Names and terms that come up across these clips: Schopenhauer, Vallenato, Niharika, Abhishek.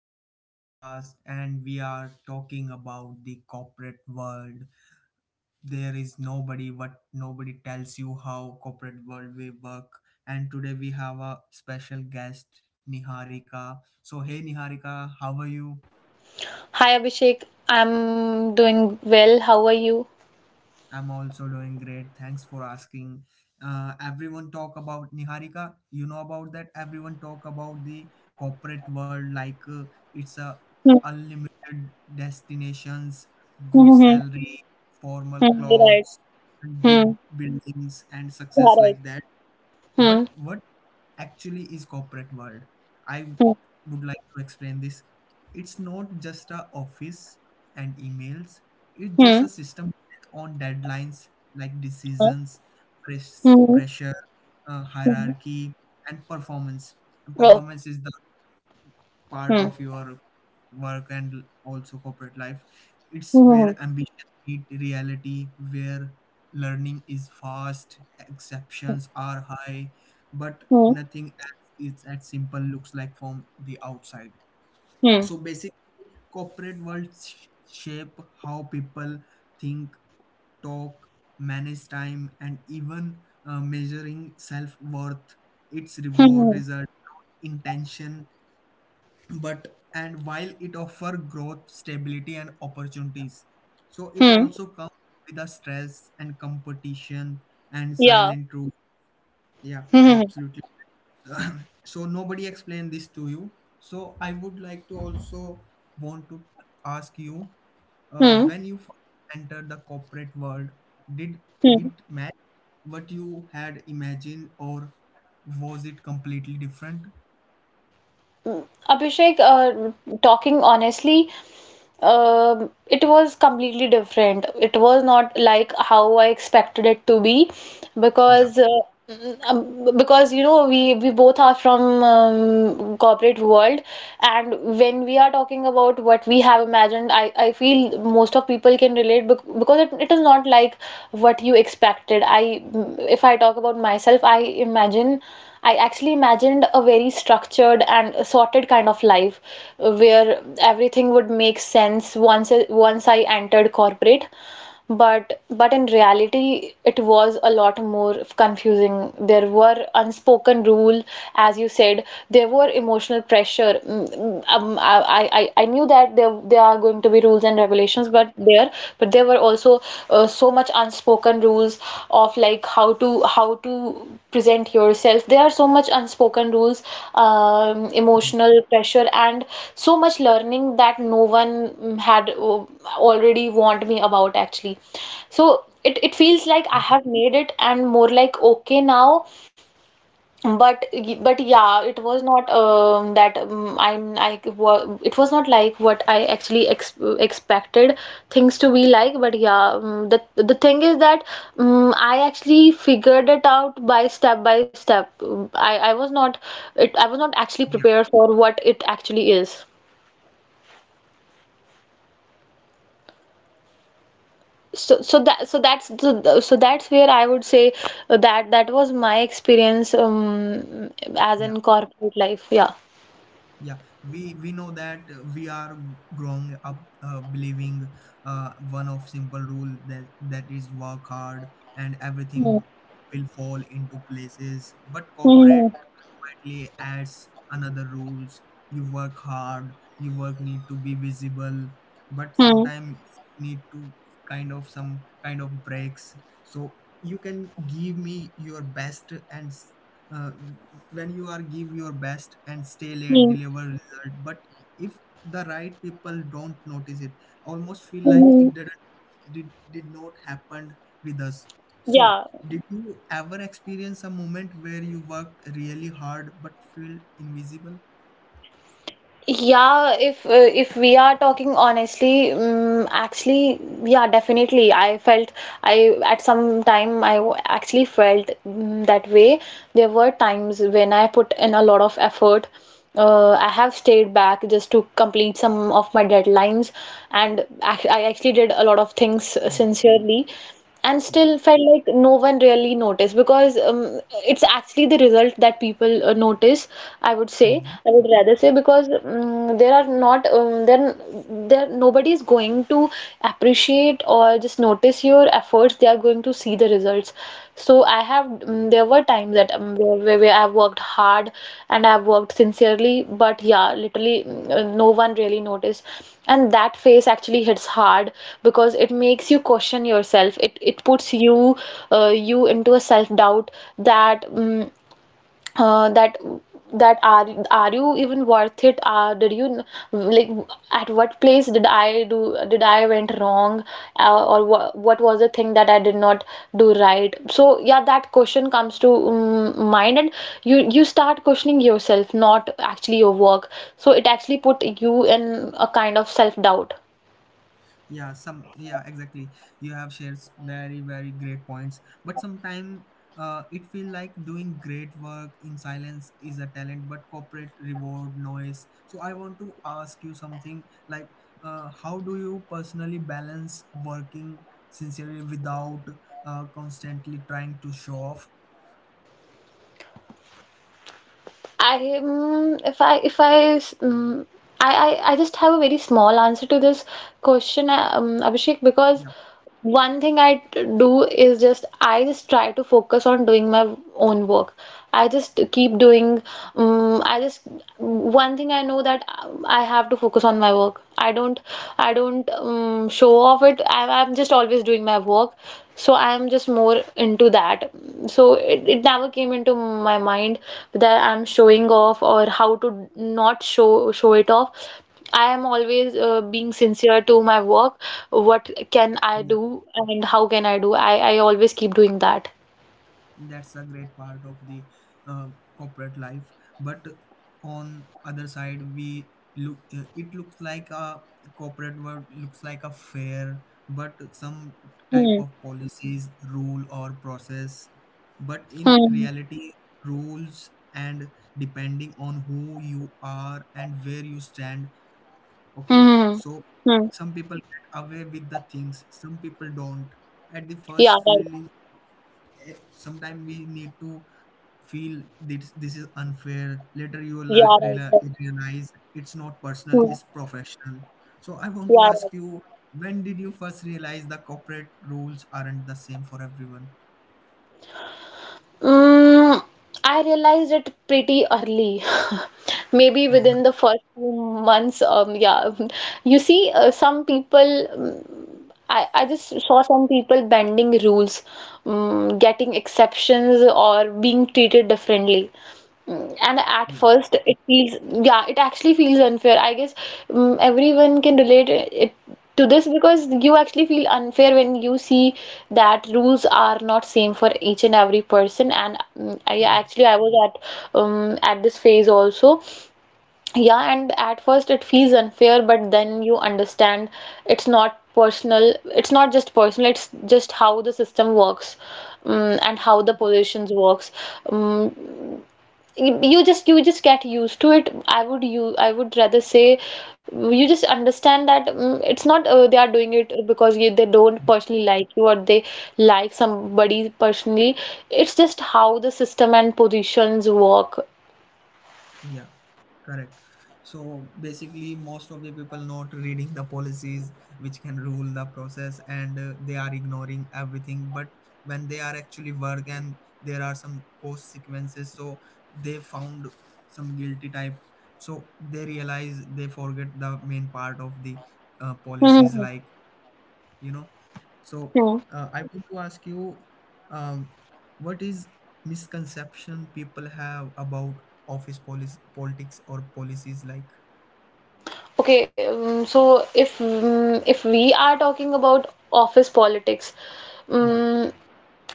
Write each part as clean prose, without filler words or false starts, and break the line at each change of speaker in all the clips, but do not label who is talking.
to our podcast. And we are talking about the corporate world. What nobody tells you how corporate world we work. And today we have a special guest, Niharika. So, hey Niharika, how are you?
Hi Abhishek, I'm doing well. How are you?
I'm also doing great. Thanks for asking. Everyone talk about Niharika. You know about that. Everyone talk about the corporate world, like it's a
Hmm.
unlimited destinations, good
Hmm. Hmm.
salary, formal
Hmm. You're right.
clothes, and
Hmm.
big buildings and
You are
success
right.
like that.
Hmm.
But what actually is corporate world, I
Hmm.
would like to explain this. It's not just a office and emails, it's just a
Hmm.
system built on deadlines, like
Huh?
decisions,
Hmm.
pressure,
Hmm.
hierarchy, and performance and
Oh.
performance is the part
Hmm.
of your work and also corporate life. It's where
Hmm.
ambition meet reality, where learning is fast, exceptions are high, but
Hmm.
nothing as is as simple looks like from the outside.
Hmm. Hmm.
So basically, corporate world shape how people think, talk, manage time, and even measuring self worth, its reward,
Hmm.
result, intention, but and while it offer growth stability and opportunities, so it
Hmm.
also comes with the stress and competition and
Yeah.
silent rule. Yeah,
Hmm. Hmm.
absolutely. So nobody explained this to you. So I would like to also want to ask you,
Hmm.
when you first entered the corporate world, did
Hmm.
it match what you had imagined, or was it completely different?
Abhishek, talking honestly, it was completely different. It was not like how I expected it to be
Yeah,
because uh, because we both are from corporate world. And when we are talking about what we have imagined, I feel most of people can relate because it is not like what you expected. I If I talk about myself, I imagine. I actually imagined a very structured and sorted kind of life where everything would make sense once I entered corporate. But in reality, it was a lot more confusing. There were unspoken rule, as you said. There were emotional pressure. I knew that there are going to be rules and regulations, but there were also so much unspoken rules of like how to present yourself. There are so much unspoken rules, emotional pressure, and so much learning that no one had already warned me about actually. So it feels like I have made it, and more like okay now. But
yeah,
yeah, it was not that it was not like what I actually ex expected things to be like. But yeah, the thing is that I actually figured it out by step by step. I was not actually
yeah,
prepared for what it actually is. So so that so that's so, th- so that's where I would say that that was my experience, as
yeah,
in corporate life. Yeah.
yeah. We know that we are growing up, believing one of simple rule, that is work hard and
Hmm.
everything will fall into places. But
Hmm.
corporate quietly adds another rules. You work hard, you work need to be visible, but
Hmm.
sometimes you need to kind of some kind of breaks. So you can give me your best, and uh, when you are give your best and stay late
Hmm.
deliver result, but if the right people don't notice it, almost feel like
Mhm.
it did not happen with us. So
Yeah,
did you ever experience a moment where you worked really hard but feel invisible?
yeah. If we are talking honestly, actually, yeah, definitely. I felt I At some time actually felt that way. There were times when I put in a lot of effort. I have stayed back just to complete some of my deadlines, and act I actually did a lot of things
Hmm,
sincerely. And
yeah.
still felt like no one really noticed, because it's actually the result that people notice, I would say.
Hmm.
I would rather say, because there are not there there nobody is going to appreciate or just notice your efforts. They are going to see the results. There were times that where I've worked hard and I've worked sincerely, but yeah, literally no one really noticed. And that phase actually hits hard, because it makes you question yourself. It puts you into a self-doubt, that uh, that that are you even worth it. Did you, like, at what place did I went wrong, or what was the thing that I did not do right. So yeah, that question comes to mind, and you start questioning yourself, not actually your work. So it actually put you in a kind of self-doubt.
Yeah, some yeah, exactly. You have shares very very great points, but sometimes, it feel like doing great work in silence is a talent, but corporate reward noise. So I want to ask you something, like how do you personally balance working sincerely without constantly trying to show off?
I if I if I I just have a very small answer to this question, Abhishek, because
Yeah,
one thing do is just I just try to focus on doing my own work. I just keep doing. I just One thing I know, that I have to focus on my work. I don't, show off it. I'm just always doing my work, so I'm just more into that. So it never came into my mind that I'm showing off, or how to not show it off. I am always being sincere to my work. What can I
yeah,
do and how can I do? I always keep doing that.
that's a great part of the uh, corporate life. But on other side, we look it looks like a corporate world looks like a fair, but some type
Hmm.
of policies rule or process, but in
Hmm.
reality, rules and depending on who you are and where you stand, okay?
Hmm.
So
Hmm.
some people get away with the things, some people don't. At the
Yeah,
first
right.
feeling, sometimes we need to feel this is unfair. Later you will
Yeah, right. right.
realize it's not personal,
Hmm.
it's professional. So I want to
Yeah,
ask
right.
you, when did you first realize the corporate rules aren't the same for everyone?
Mm, I realized it pretty early. Maybe
Yeah,
within the first few months. Yeah. You see, some people— I just saw some people bending rules, getting exceptions, or being treated differently. And at
yeah,
first, it feels, yeah, it actually feels unfair, I guess. Everyone can relate it to this, because you actually feel unfair when you see that rules are not same for each and every person. And I
yeah,
actually I was at, at this phase also. Yeah, and at first it feels unfair, but then you understand it's not personal. It's not just personal, it's just how the system works, and how the positions works. Um, you just get used to it. I would rather say, you just understand that it's not they are doing it because they don't personally like you, or they like somebody personally. It's just how the system and positions work.
yeah. Correct. So basically, most of the people not reading the policies which can rule the process, and they are ignoring everything. But when they are actually work and there are some consequences, so they found some guilty type. So they realize they forget the main part of the policies,
Hmm.
like you know so, I want to ask you, um, what is misconception people have about office policy, politics, or policies, like?
Okay, so if we are talking about office politics,
Yeah,
um,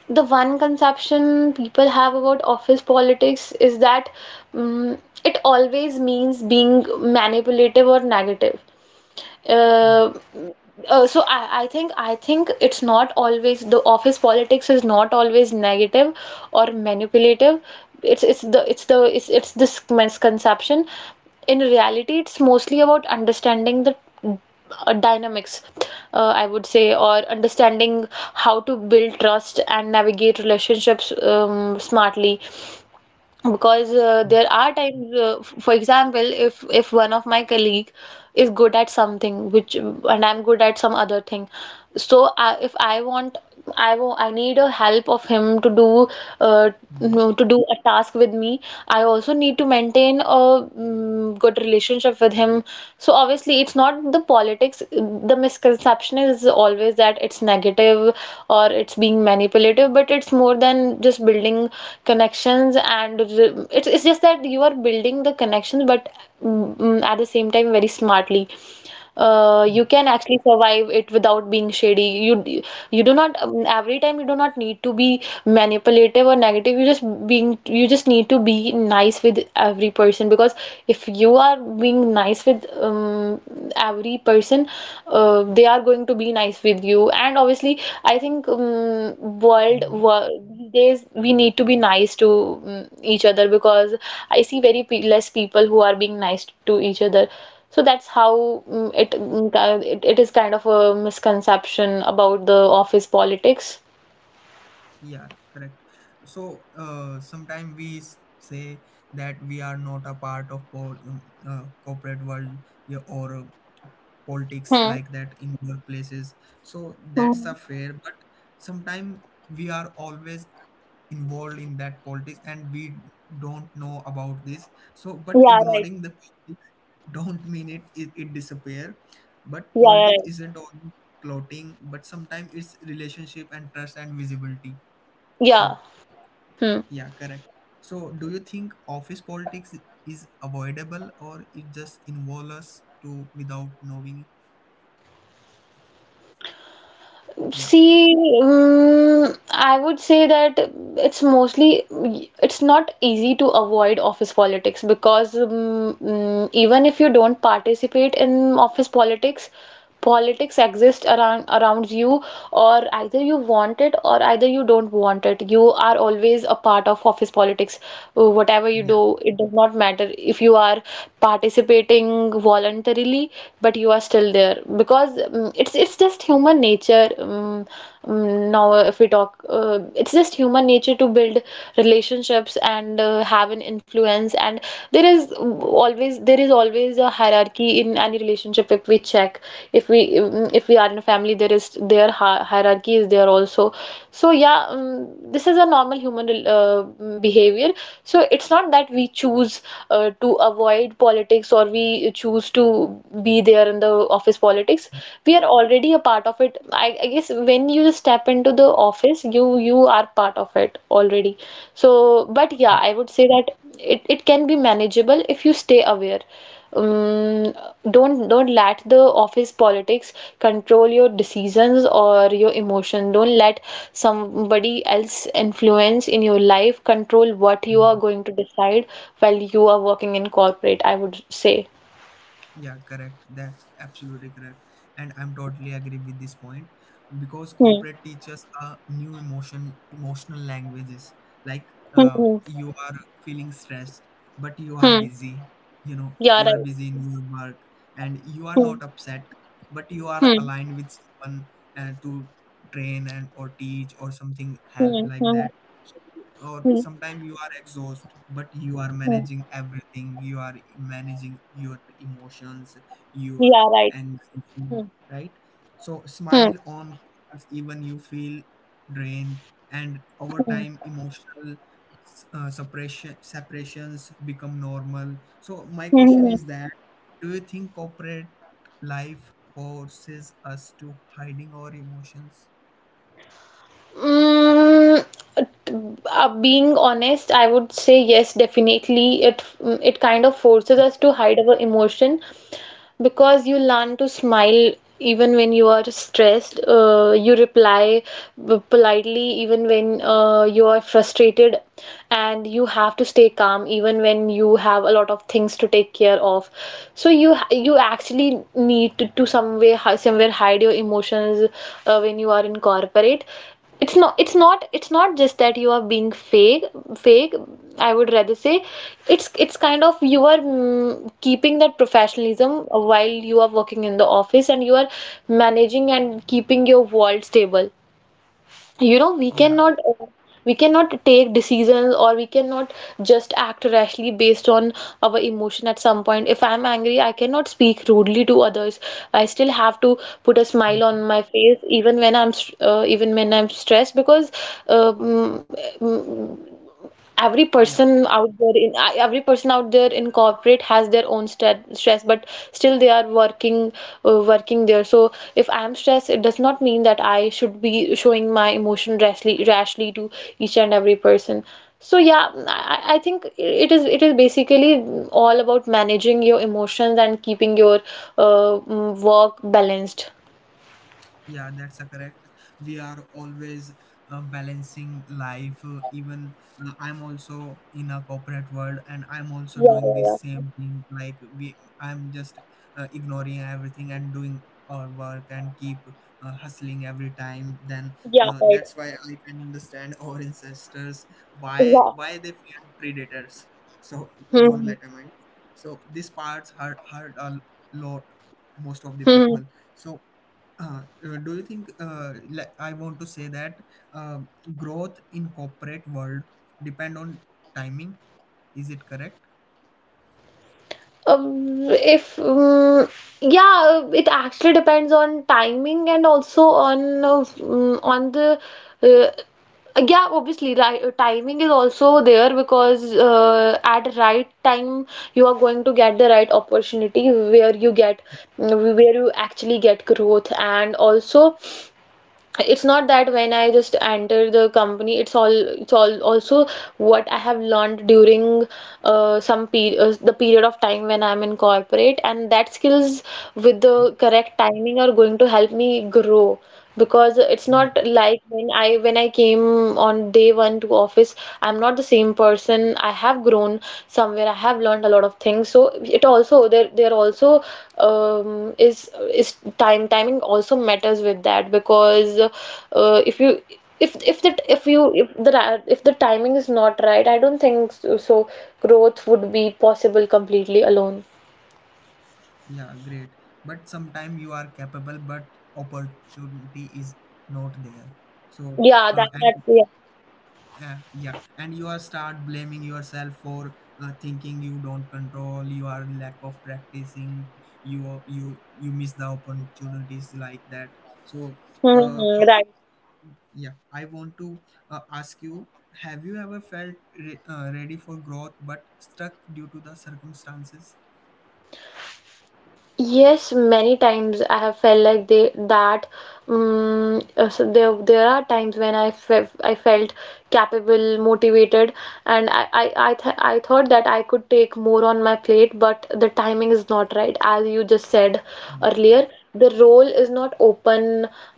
the one conception people have about office politics is that um, it always means being manipulative or negative.
yeah,
uh, so I think it's not always the office politics is not always negative or manipulative. It's the it's the it's this misconception. In reality, it's mostly about understanding the dynamics, I would say, or understanding how to build trust and navigate relationships smartly. Because
mm,
there are times, for example, if one of my colleague is good at something, which and I'm good at some other thing, so if I want, I need a help of him to do— uh, no,
mm,
to do a task with me, I also need to maintain a good relationship with him. So obviously it's not the politics. The misconception is always that it's negative or it's being manipulative, but it's more than just building connections, and it's just that you are building the connections, but at the same time very smartly.
yeah,
You can actually survive it without being shady. You do not, every time, you do not need to be manipulative or negative. You just need to be nice with every person, because if you are being nice with every person, they are going to be nice with you. And obviously I think
mhm,
these days we need to be nice to each other, because I see very pe less people who are being nice to each other. So that's how it, ki- it is kind of a misconception about the office politics.
yeah, correct. So sometimes we say that we are not a part of corporate world, yeah, or politics
Hmm.
like that in workplaces, so that's a
Hmm.
fair. But sometimes we are always involved in that politics and we don't know about this. So but
Yeah, right.
ignoring the politics don't mean it, it disappear. But
Yeah, yeah,
politics
right.
isn't only plotting, but sometimes it's relationship and trust and visibility.
Yeah.
So,
Hmm.
yeah, correct. So do you think office politics is avoidable, or it just involves us to without knowing? Yeah,
See, I would say that it's mostly it's not easy to avoid office politics, because even if you don't participate in office politics, politics exist around you, or either you want it or either you don't want it. You are always a part of office politics. Whatever you
yeah.
do, it does not matter if you are participating voluntarily, but you are still there because it's just human nature. Now, if we talk, it's just human nature to build relationships and have an influence. And there is always a hierarchy in any relationship. If we check, if we mm, if we are in a family, there is their hierarchy is there also. So yeah, this is a normal human behavior. So it's not that we choose to avoid politics, or we choose to be there are in the office politics. We are already a part of it. I guess when you step into the office, you are part of it already. So, but yeah, I would say that it can be manageable if you stay aware. Um, don't let the office politics control your decisions or your emotion. Don't let somebody else influence in your life, control what you are going to decide while you are working in corporate, I would say.
Yeah, correct. That's absolutely correct. And I'm totally agree with this point, because
Hmm.
corporate teaches are new emotional languages. Like
Hmm.
you are feeling stressed, but you are
Hmm.
busy.
Yeah,
You are
right.
busy in your work, and you are
Hmm.
not upset, but you are
Hmm.
aligned with someone to train and or teach or something help
Hmm.
like
Hmm.
that. So, or
Hmm.
sometimes you are exhausted, but you are
Hmm.
managing everything. You are managing your emotions, your
Yeah, right.
anxiety,
Hmm.
right? So
Hmm.
smile on calls even you feel drained, and over
Hmm.
time emotional separations become normal. So my
Hmm.
question
Hmm.
is that, do you think corporate life forces us to hiding our emotions?
Mm, Being honest, I would say yes, definitely. It kind of forces us to hide our emotion, because you learn to smile even when you are stressed. You reply politely even when you are frustrated, and you have to stay calm even when you have a lot of things to take care of. So you actually need to some way somewhere hide your emotions when you are in corporate. It's not just that you are being fake, I would rather say it's kind of you are keeping that professionalism while you are working in the office, and you are managing and keeping your world stable. You know,
Yeah.
we cannot take decisions, or we cannot just act rashly based on our emotion. At some point, if I'm angry, I cannot speak rudely to others. I still have to put a smile
Mhm.
on my face even when even when I'm stressed, because um, every
Yeah.
person out there every person out there in corporate has their own stress, but still they are working there. So if I am stressed, it does not mean that I should be showing my emotion rashly to each and every person. So yeah, I think it is basically all about managing your emotions and keeping your work balanced.
Yeah, that's a correct. We are always balancing life. Even I'm also in a corporate world, and I'm also
Yeah,
doing the
yeah.
same thing. Like I'm just ignoring everything and doing our work, and keep hustling every time. Then
Yeah, yeah, right.
that's why I can understand our ancestors, why
Yeah.
why they feared predators. So don't
Hmm.
let them mind. So these parts hurt a lot most of the people.
Hmm.
So do you think, like I want to say that, uh, growth in corporate world depend on timing? Is it correct?
If yeah, it actually depends on timing, and also on on the uh, yeah, obviously, right, timing is also there, because at right time you are going to get the right opportunity where you get where you actually get growth. And also it's not that when I just enter the company, it's all also what I have learned during the period of time when I'm in corporate, and that skills with
Hmm?
the correct timing are going to help me grow. Because it's
Yeah,
not like when I came on day one to office, I'm not the same person. I have grown somewhere. I have learned a lot of things. So it also there also um, is is time timing also matters with that. Because if you if that if you if the timing is not right, I don't think so, so growth would be possible completely alone.
yeah, great. But sometime you are capable, but opportunity is not there. So
Yeah, that that's
and
yeah.
yeah, and you are start blaming yourself for thinking you don't control. You are lack of practicing. You miss the opportunities like that. So
Hmm.
how yeah, I want to ask you, have you ever felt ready for growth but stuck due to the circumstances?
Yes, many times I have felt like they that so there are times when I felt capable, motivated, and I thought that I could take more on my plate, but the timing is not right. As you just said
Yeah,
earlier, the role is not open.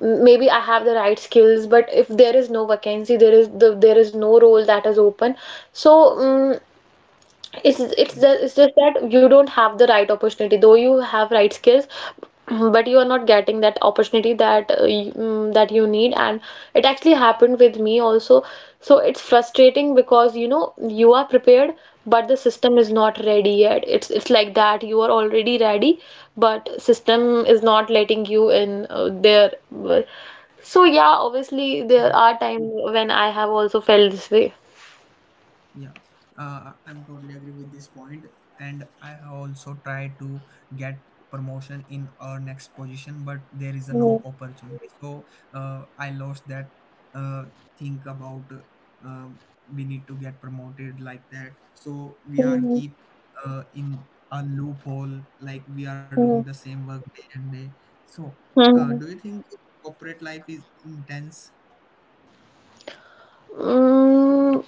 M- Maybe I have the right skills, but if there is no vacancy, there is no role that is open. So it's
yeah.
it's just that you don't have the right opportunity, though you have right skills, but you are not getting that opportunity that that you need. And it actually happened with me also. So it's frustrating because you know you are prepared, but the system is not ready yet. It's like that you are already ready, but system is not letting you in there. So yeah, obviously there are times when I have also felt this way.
Yeah, I'm totally agree with this point, and I have also tried to get promotion in our next position, but there is a
Mhm.
no opportunity. So I lost that uh, think about uh, we need to get promoted like that. So we are
Mhm.
keep in a loophole, like we are doing the
Mhm.
same work day and day. So do
Mhm.
you think corporate life is intense?
Mm,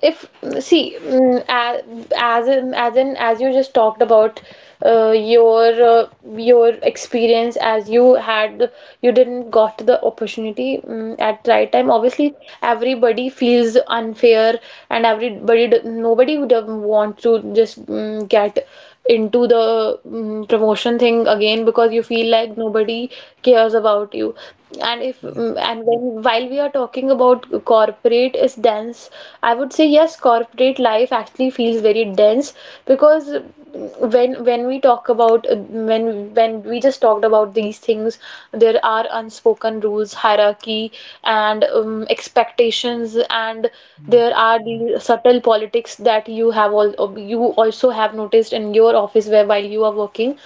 if see, as in, as in as you just talked about uh, your uh, your experience, as you had you didn't got the opportunity at right time, obviously everybody feels unfair, and everybody nobody would have want to just get into the promotion thing again, because you feel like nobody cares about you. And if
Yeah,
mm, and when while we are talking about corporate is dense, I would say yes, corporate life actually feels very dense. Because when we talk about when we just talked about these things, there are unspoken rules, hierarchy, and expectations. And
yeah,
there are the subtle politics that you have all you also have noticed in your office where while you are working.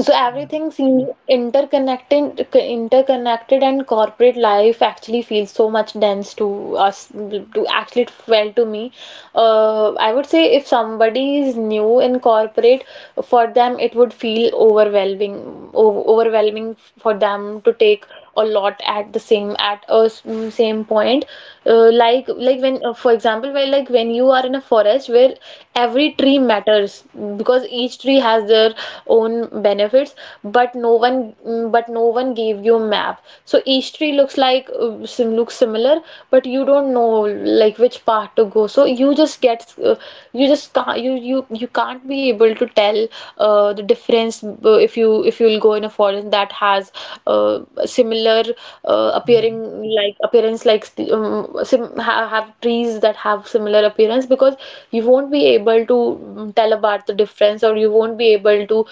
So
yeah.
everything seems interconnected, and corporate life actually feels so much dense to us. To actually, it felt to me. I would say if somebody is new in corporate, for them it would feel overwhelming for them to take a lot at the same at a s- same point. Like when for example, where like when you are in a forest where every tree matters, because each tree has their own benefits, but but no one gave you a map. So each tree looks like sim looks similar, but you don't know like which path to go. So you just get you just can't you you can't be able to tell the difference if you if you'll go in a forest that has similar appearing
Mhm.
like appearance. Like sim ha have trees that have similar appearance, because you won't be able to tell about the difference, or you won't be able to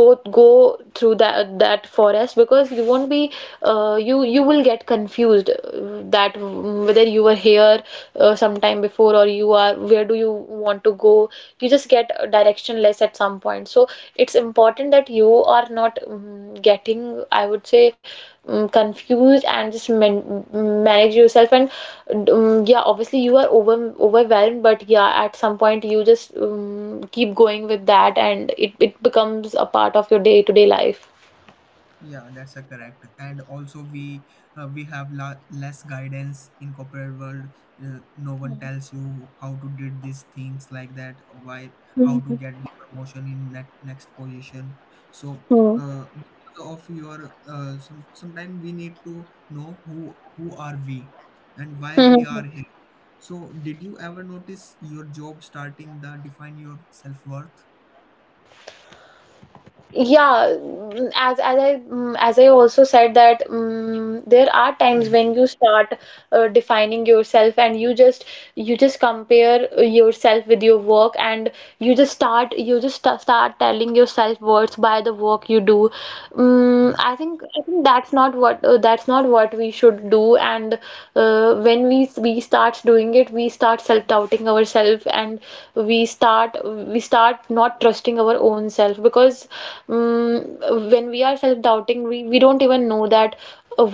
go through that forest, because you won't be you will get confused that whether you were here sometime before, or you are where do you want to go. You just get directionless at some point. So it's important that you are not getting, I would say, confused, and just manage yourself. And yeah, obviously you are overwhelmed, but yeah, at some point you just keep going with that, and it becomes a part of your day-to-day life.
Yeah, that's a correct. And also, we have less guidance in corporate world. No one tells you how to did these things like that. Why? How to
Mhm.
get the promotion in that next position? So,
Mhm.
because of your sometimes we need to know who are we, and why
Mhm.
we are here. So, did you ever notice your job starting that define your self worth?
Yeah, as I also said that there are times
Hmm.
when you start defining yourself, and you just compare yourself with your work. And you just start telling yourself words by the work you do.
Yeah,
I think that's not what we should do. And when we start doing it, we start self-doubting ourselves, and we start not trusting our own self. Because um, when we are self-doubting, we don't even know that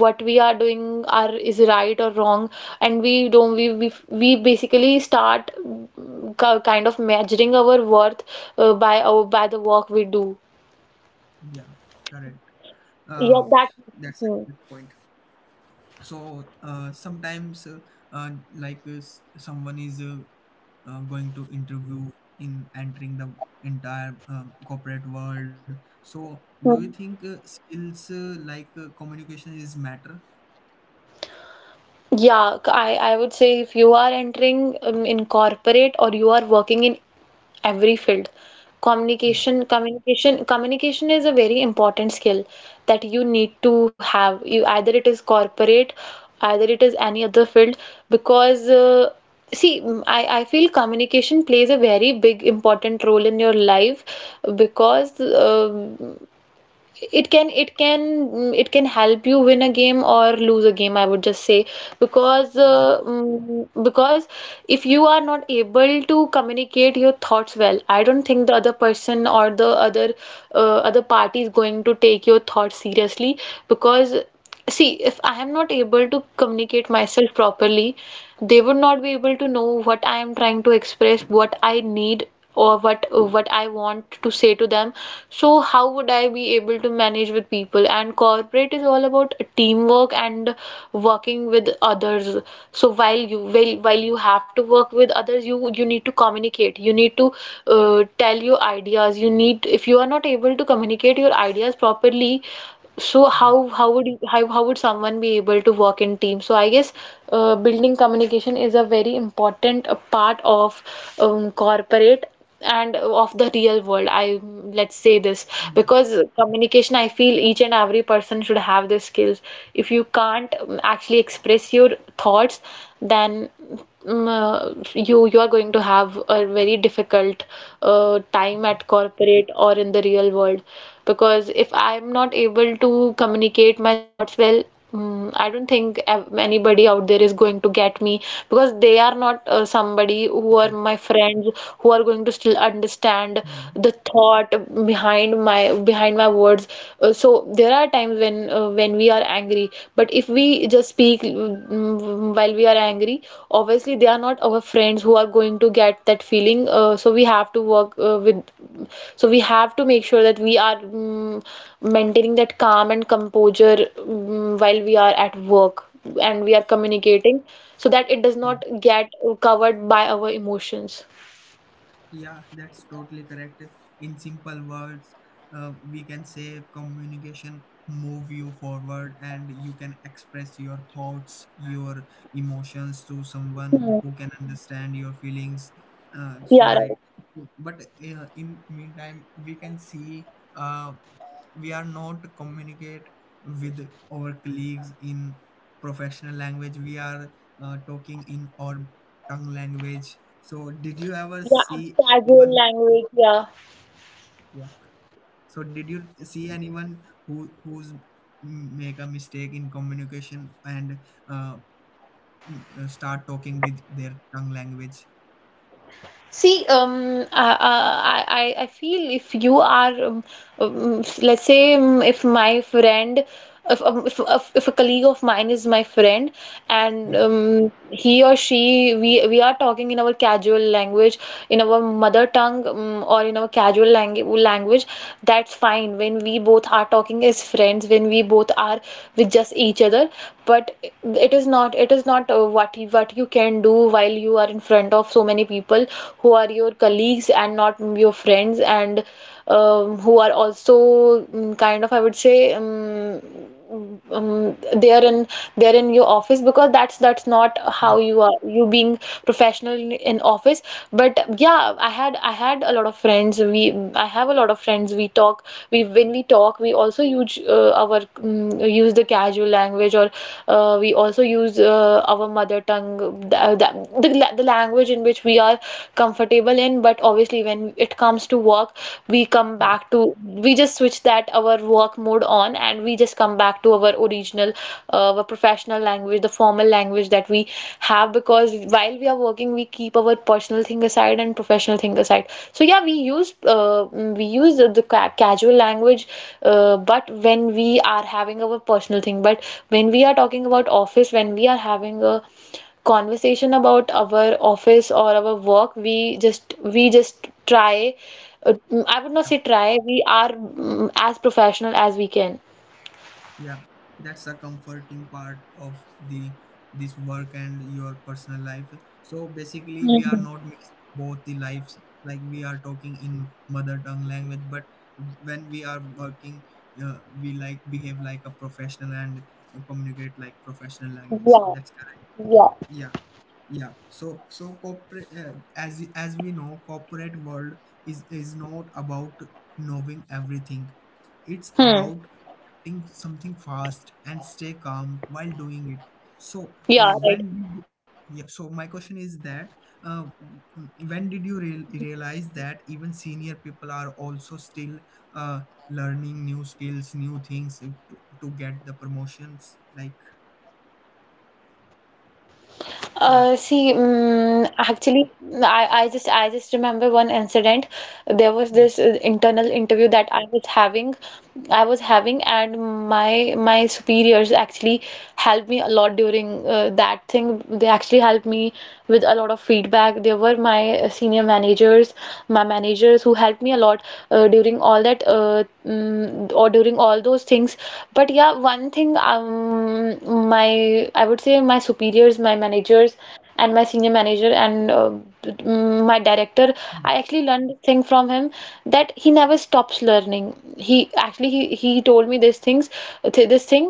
what we are doing are is right or wrong. And we don't we basically start kind of measuring our worth by our by the work we do.
yeah, correct. Uh,
Yeah that.
that's a
Hmm.
good point. So sometimes, like someone is going to interview in entering the entire corporate world. So do you
Hmm.
think skills like communication is matter?
I, would say if you are entering in corporate, or you are working in every field,
Yeah,
communication is a very important skill that you need to have. You either it is corporate, either it is any other field. Because see, I feel communication plays a very big important role in your life. Because it can it can help you win a game or lose a game, I would just say. Because
yeah,
because if you are not able to communicate your thoughts well, I don't think the other person or the other other party is going to take your thoughts seriously. Because see, if I am not able to communicate myself properly, they would not be able to know what I am trying to express, what I need, or what I want to say to them. So how would I be able to manage with people? And corporate is all about teamwork and working with others. So while you have to work with others, you need to communicate. You need to tell your ideas. You need, if you are not able to communicate your ideas properly, so
yeah,
how would you, how would someone be able to work in team? So I guess building communication is a very important part of corporate and of the real world. I let's say this.
yeah,
Because communication, I feel each and every person should have the skills. If you can't actually express your thoughts, then you are going to have a very difficult time at corporate or in the real world. Because if I'm not able to communicate my thoughts well, I don't think anybody out there is going to get me, because they are not somebody who are
yeah.
my friends who are going to still understand the thought behind my words. So there are times when we are angry, but if we just speak while we are angry, obviously they are not our friends who are going to get that feeling. So we have to work with so we have to make sure that we are maintaining that calm and composure while we are at work, and we are communicating, so that it does not
Hmm.
get covered by our emotions.
Yeah, that's totally correct. In simple words, we can say communication move you forward, and you can express your thoughts, your emotions, to someone
Hmm.
who can understand your feelings. So
Yeah, right.
right. But in meantime, we can see uh, we are not communicate with our colleagues in professional language. We are talking in our tongue language. So, did you ever
Yeah,
see
casual
anyone?
language, yeah.
Yeah. So did you see anyone who who's make a mistake in communication, and uh, start talking with their tongue language?
See, I feel if you are, um, let's say, if my friend, if a colleague of mine is my friend, and
Yeah,
he or she, we are talking in our casual language, in our mother tongue, or in our casual lang language, that's fine. When we both are talking as friends, when we both are with just each other but it is not what you can do while you are in front of so many people who are your colleagues and not your friends and who are also kind of I would say um, they are in they are in your office because that's not
yeah,
how you being professional in office. But yeah, I had a lot of friends. We I have a lot of friends. We talk. We when we talk, we also use the casual language, or we also use our mother tongue, the language in which we are comfortable in. But obviously, when it comes to work, we come
yeah, yeah.
back to we just switch that our work mode on, and we just come back to our original professional language, the formal language that we have, because while we are working, we keep our personal thing aside and professional thing aside. So yeah, we use the, casual language, but when we are having our personal thing, but when we are talking about office, when we are having a conversation about our office or our work, we just try. Mm, I would not say try. We are as professional as we can.
Yeah, that's a comforting part of the this work and your personal life. So basically, we are
Mhm.
not mixing both the lives. Like we are talking in mother tongue language, but when we are working, we like behave like a professional and communicate like professional language.
Yeah,
That's correct.
yeah.
Yeah. Yeah. So corporate, as we know, corporate world is not about knowing everything. It's about
Hmm.
think something fast and stay calm while doing it. So when
Yeah,
did
right.
yeah, so my question is that, uh, when did you realize that even senior people are also still uh, learning new skills, new things to get the promotions, like, so?
Uh, see, um, actually, I just remember one incident. There was
Yeah,
this internal interview that I was having, and my superiors actually helped me a lot during that thing. They actually helped me with a lot of feedback. They were my senior managers, my managers who helped me a lot during all that mm, mm, or during all those things. But yeah, one thing my I would say my superiors, my managers, and my senior manager and my director,
yeah,
I actually learned this thing from him, that he never stops learning. He actually he told me these things, th this thing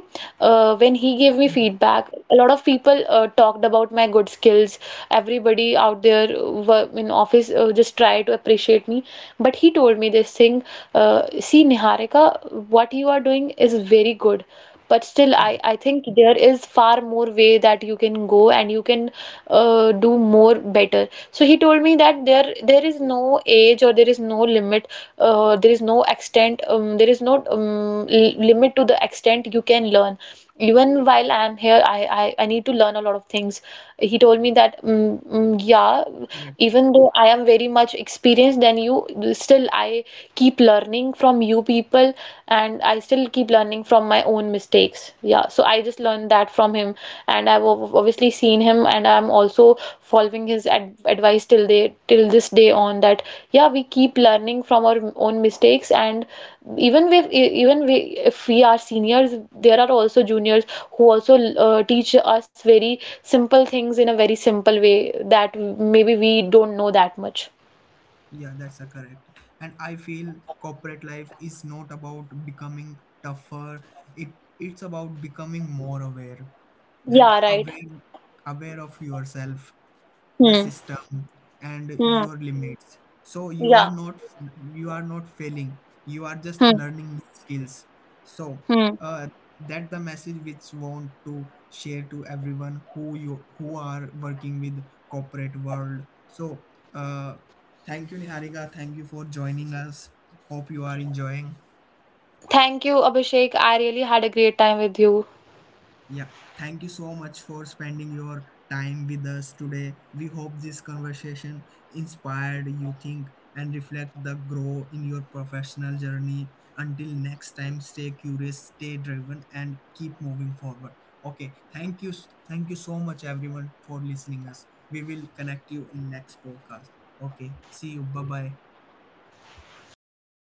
when he gave me
yeah,
feedback. A lot of people talked about my good skills. Everybody out there in office just try to appreciate me. But he told me this thing, uh, see, Niharika, what you are doing is very good. But still,
yeah,
I think there is far more way that you can go and you can do more better. So he told me that there is no age, or there is no limit, there is no extent, there is no limit to the extent you can learn. Even while I'm here, I need to learn a lot of things. He told me that, yeah,
correct,
even though I am very much experienced than you, still I keep learning from you people, and I still keep learning from my own mistakes. Yeah, so I just learned that from him, and I've obviously seen him, and I'm also following his ad advice till this day on that. Yeah, we keep learning from our own mistakes, and even if even we, if we are seniors, there are also juniors who also teach us very simple things in a very simple way that maybe we don't know that much.
yeah, that's a correct. And I feel corporate life is not about becoming tougher, it it's about becoming more aware, and
Yeah, right.
aware of yourself, the
Hmm.
system, and
Hmm.
your limits. So you are
Yeah.
not you are not failing, you are just
Hmm.
learning new skills. So
Hmm.
uh, that the message which want to share to everyone who are working with corporate world. So uh, thank you, Niharika. Thank you for joining us. Hope you are enjoying.
Thank you, Abhishek. I really had a great time with you.
Yeah, thank you so much for spending your time with us today. We hope this conversation inspired you think and reflect the grow in your professional journey. Until next time, stay curious, stay driven, and keep moving forward. Okay, Thank you so much everyone for listening us. We will connect you in next podcast. Okay, see you. Bye-bye.